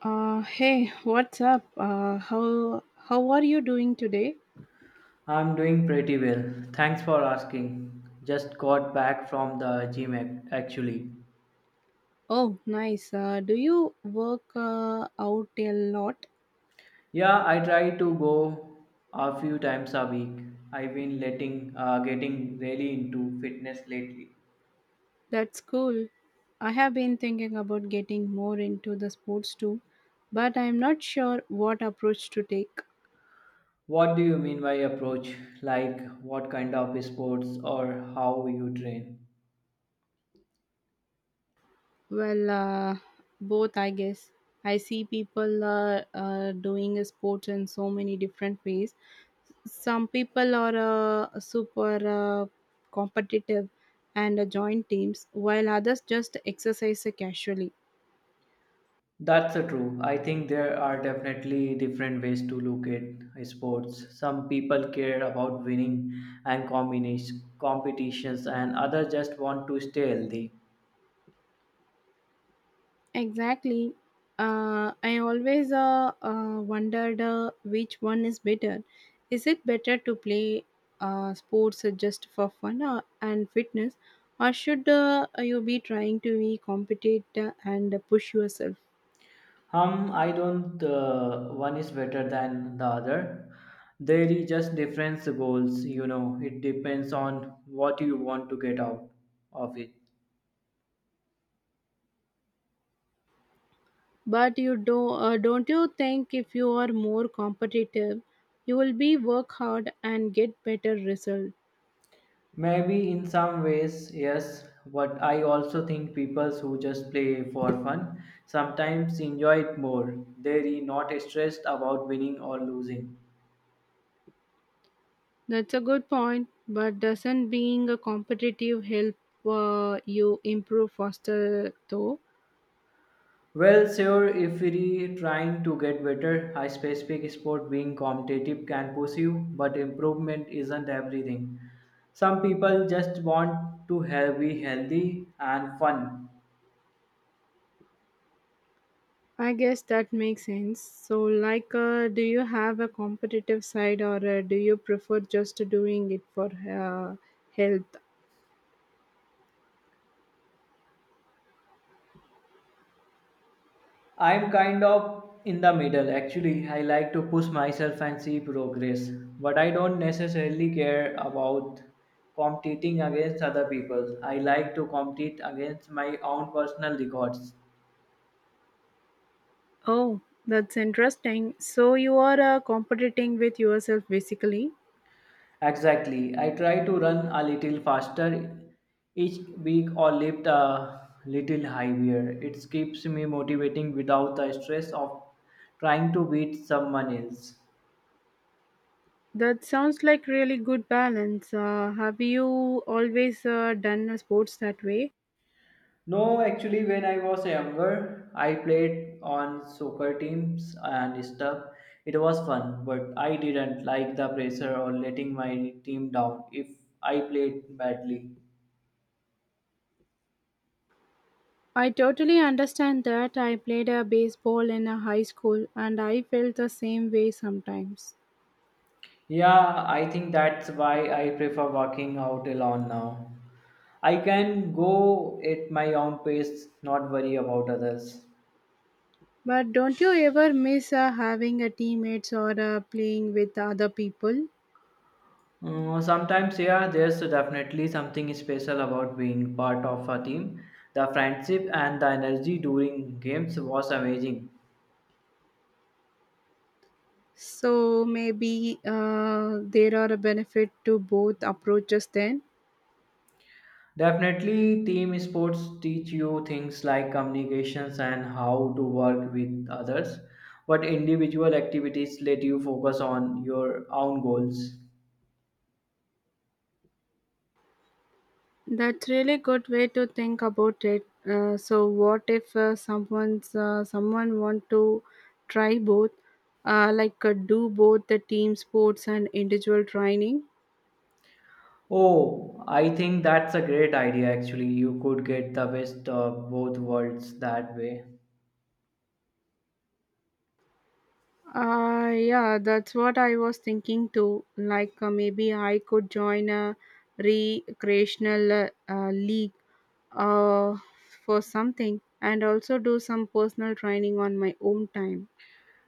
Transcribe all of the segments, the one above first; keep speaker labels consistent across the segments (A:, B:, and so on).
A: Hey, what's up? How are you doing today?
B: I'm doing pretty well. Thanks for asking. Just got back from the gym actually.
A: Oh, nice. Do you work out a lot?
B: Yeah, I try to go a few times a week. I've been letting getting really into fitness lately.
A: That's cool. I have been thinking about getting more into the sports too, but I'm not sure what approach to take.
B: What do you mean by approach? Like what kind of sports or how you train?
A: Well, uh, Both, I guess. I see people doing sports in so many different ways, some people are super uh, competitive and join teams while others just exercise casually.
B: That's true. I think there are definitely different ways to look at sports. Some people care about winning and combination competitions, and others just want to stay healthy.
A: Exactly. I always wondered which one is better. Is it better to play sports just for fun and fitness, or should you be trying to be competitive and push yourself?
B: I don't. One is better than the other. There is just different goals. You know, it depends on what you want to get out of it.
A: But you do, don't you think if you are more competitive, you will be work hard and get better result?
B: Maybe in some ways, yes, but I also think people who just play for fun sometimes enjoy it more. They're not stressed about winning or losing.
A: That's a good point. But doesn't being a competitive help you improve faster though?
B: Well, sure, if you're trying to get better, a specific sport being competitive can push you, but improvement isn't everything. Some people just want to have, be healthy and fun.
A: I guess that makes sense. So, like, do you have a competitive side, or do you prefer just doing it for health?
B: I'm kind of in the middle actually. I like to push myself and see progress, but I don't necessarily care about competing against other people. I like to compete against my own personal records.
A: Oh, that's interesting. So, you are competing with yourself basically.
B: Exactly. I try to run a little faster each week or lift a little higher. It keeps me motivating without the stress of trying to beat someone else.
A: That sounds like really good balance. Have you always done sports that way?
B: No, actually, when I was younger, I played on soccer teams and stuff. It was fun, but I didn't like the pressure or letting my team down if I played badly.
A: I totally understand that. I played a baseball in a high school and I felt the same way sometimes.
B: Yeah, I think that's why I prefer working out alone now. I can go at my own pace, not worry about others.
A: But don't you ever miss having a teammates or playing with other people?
B: Sometimes, yeah, there's definitely something special about being part of a team. The friendship and the energy during games was amazing.
A: So maybe there are a benefit to both approaches then.
B: Definitely, team sports teach you things like communications and how to work with others, but individual activities let you focus on your own goals.
A: That's really good way to think about it. So, what if someone want to try both, do both the team sports and individual training?
B: Oh, I think that's a great idea actually. You could get the best of both worlds that way.
A: Yeah, that's what I was thinking too. Like maybe I could join a recreational league uh, for something, and also do some personal training on my own time.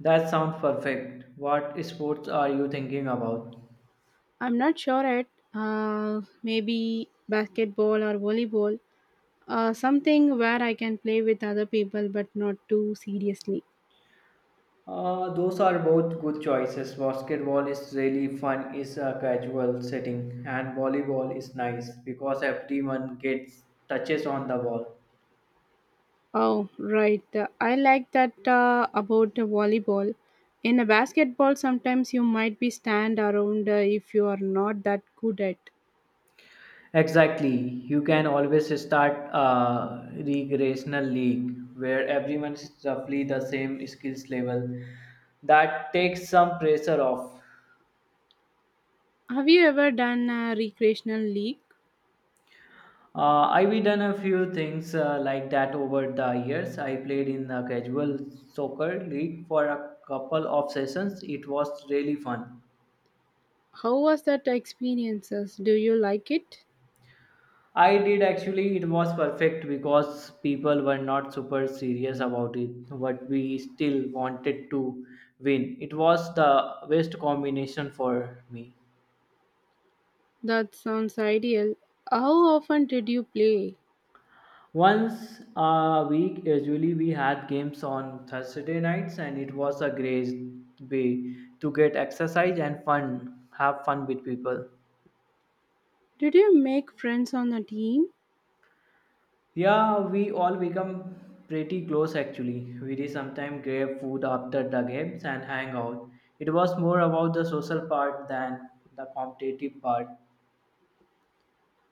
B: That sounds perfect. What sports are you thinking about?
A: I'm not sure at maybe basketball or volleyball, something where I can play with other people but not too seriously.
B: Those are both good choices. Basketball is really fun, it's a casual setting, and volleyball is nice because everyone gets touches on the ball.
A: Oh, right. I like that about the volleyball. In a basketball, sometimes you might be stand around if you are not that good at.
B: Exactly. You can always start a recreational league where everyone is roughly the same skills level. That takes some pressure off.
A: Have you ever done a recreational league?
B: I've done a few things like that over the years. I played in the casual soccer league for a couple of sessions. It was really fun.
A: How was that experiences? Do you like it?
B: I did actually, it was perfect because people were not super serious about it, but we still wanted to win. It was the best combination for me.
A: That sounds ideal. How often did you play?
B: Once a week, usually we had games on Thursday nights, and it was a great way to get exercise and fun, have fun with people.
A: Did you make friends on the team?
B: Yeah, we all become pretty close actually. We sometimes grab food after the games and hang out. It was more about the social part than the competitive part.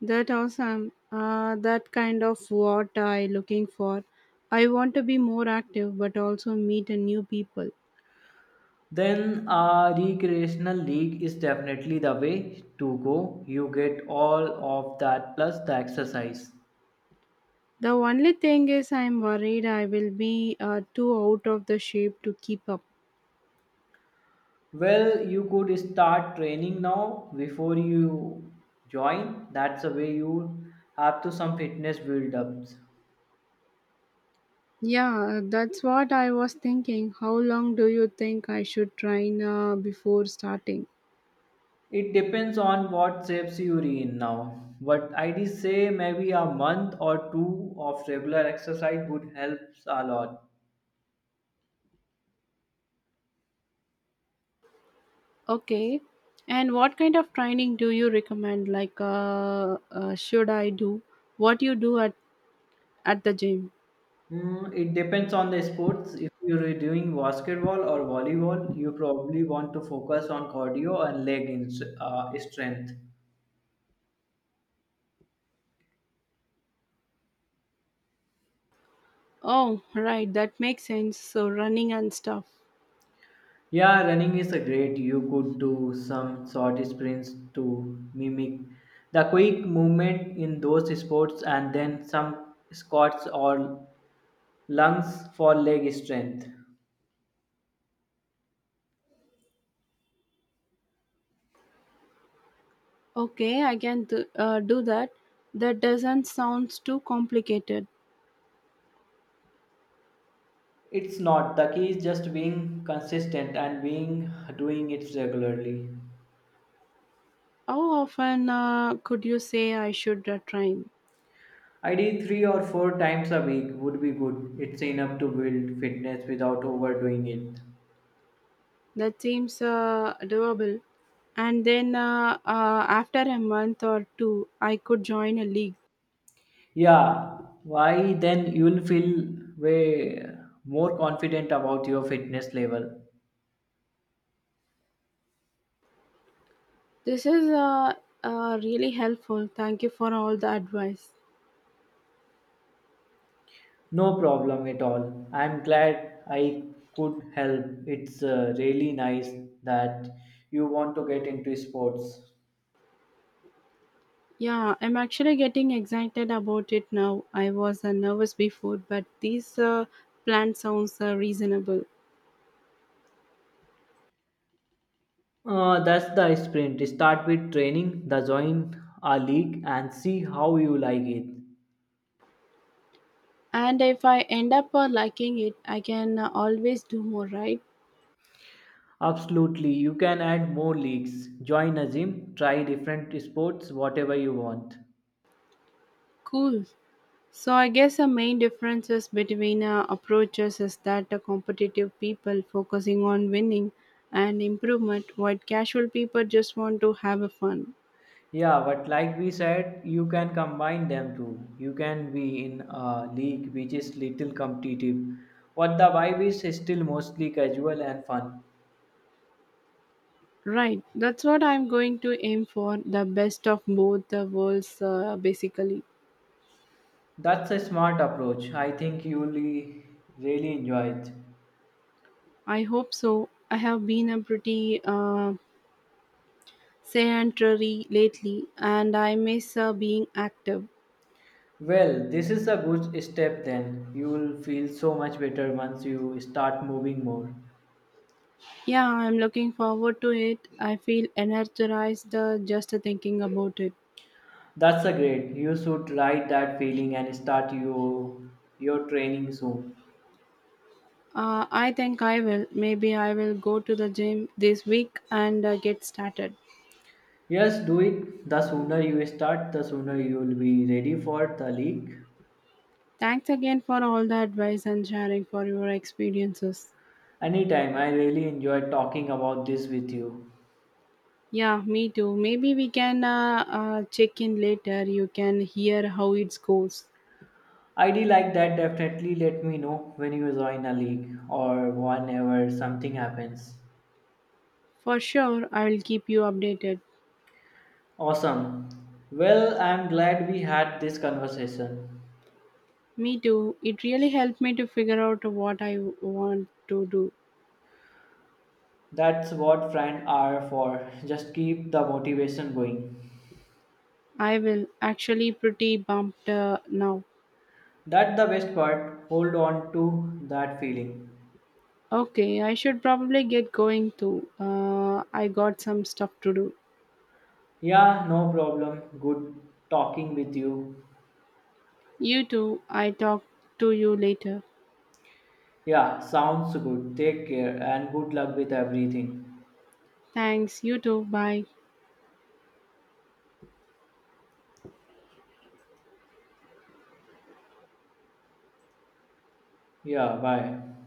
A: That awesome. That kind of what I looking for. I want to be more active, but also meet a new people.
B: Then a recreational league is definitely the way to go. You get all of that plus the exercise.
A: The only thing is, I'm worried I will be too out of the shape to keep up.
B: Well, you could start training now before you join. That's the way you have to some fitness build ups.
A: Yeah, that's what I was thinking. How long do you think I should train before starting?
B: It depends on what shapes you're in now. But I'd say maybe a month or two of regular exercise would help a lot.
A: Okay. And what kind of training do you recommend? Like, should I do what you do at the gym?
B: It depends on the sports. If you're doing basketball or volleyball, you probably want to focus on cardio and strength.
A: Oh, right, that makes sense. So running and stuff.
B: Yeah, running is a great. You could do some short sprints to mimic the quick movement in those sports and then some squats or lunges for leg strength.
A: Okay, I can do that. That doesn't sound too complicated.
B: It's not. The key is just being consistent and being doing it regularly.
A: How often could you say I should train?
B: I did three or four times a week would be good. It's enough to build fitness without overdoing it.
A: That seems doable. And then after a month or two, I could join a league.
B: Yeah, why then you'll feel way more confident about your fitness level.
A: This is really helpful. Thank you for all the advice.
B: No problem at all. I'm glad I could help. It's really nice that you want to get into sports.
A: Yeah, I'm actually getting excited about it now. I was nervous before, but this plan sounds reasonable.
B: That's the sprint. Start with training, the join a league, and see how you like it.
A: And if I end up liking it, I can always do more, right?
B: Absolutely, you can add more leagues. Join a gym, try different sports, whatever you want.
A: Cool. So I guess the main differences between approaches is that the competitive people focusing on winning and improvement, while casual people just want to have a fun.
B: Yeah, but like we said, you can combine them too. You can be in a league which is little competitive, but the vibe is still mostly casual and fun.
A: Right. That's what I'm going to aim for. The best of both the worlds, basically.
B: That's a smart approach. I think you'll really enjoy it.
A: I hope so. I have been a pretty sedentary lately and I miss being active.
B: Well, this is a good step then. You will feel so much better once you start moving more.
A: Yeah, I'm looking forward to it. I feel energized just thinking about it.
B: That's a great. You should write that feeling and start your training soon.
A: I think I will. Maybe I will go to the gym this week and get started.
B: Yes, do it. The sooner you start, the sooner you will be ready for the league.
A: Thanks again for all the advice and sharing for your experiences.
B: Anytime, I really enjoyed talking about this with you.
A: Yeah, me too. Maybe we can check in later. You can hear how it goes.
B: I ID like that, definitely let me know when you join a league or whenever something happens.
A: For sure, I'll keep you updated.
B: Awesome. Well, I'm glad we had this conversation.
A: Me too. It really helped me to figure out what I want to do.
B: That's what friends are for. Just keep the motivation going.
A: I will actually pretty bumped now.
B: That's the best part. Hold on to that feeling.
A: Okay, I should probably get going too. I got some stuff to do.
B: Yeah, no problem. Good talking with you.
A: You too. I talk to you later.
B: Yeah, sounds good. Take care and good luck with everything.
A: Thanks. You too. Bye.
B: Yeah, bye.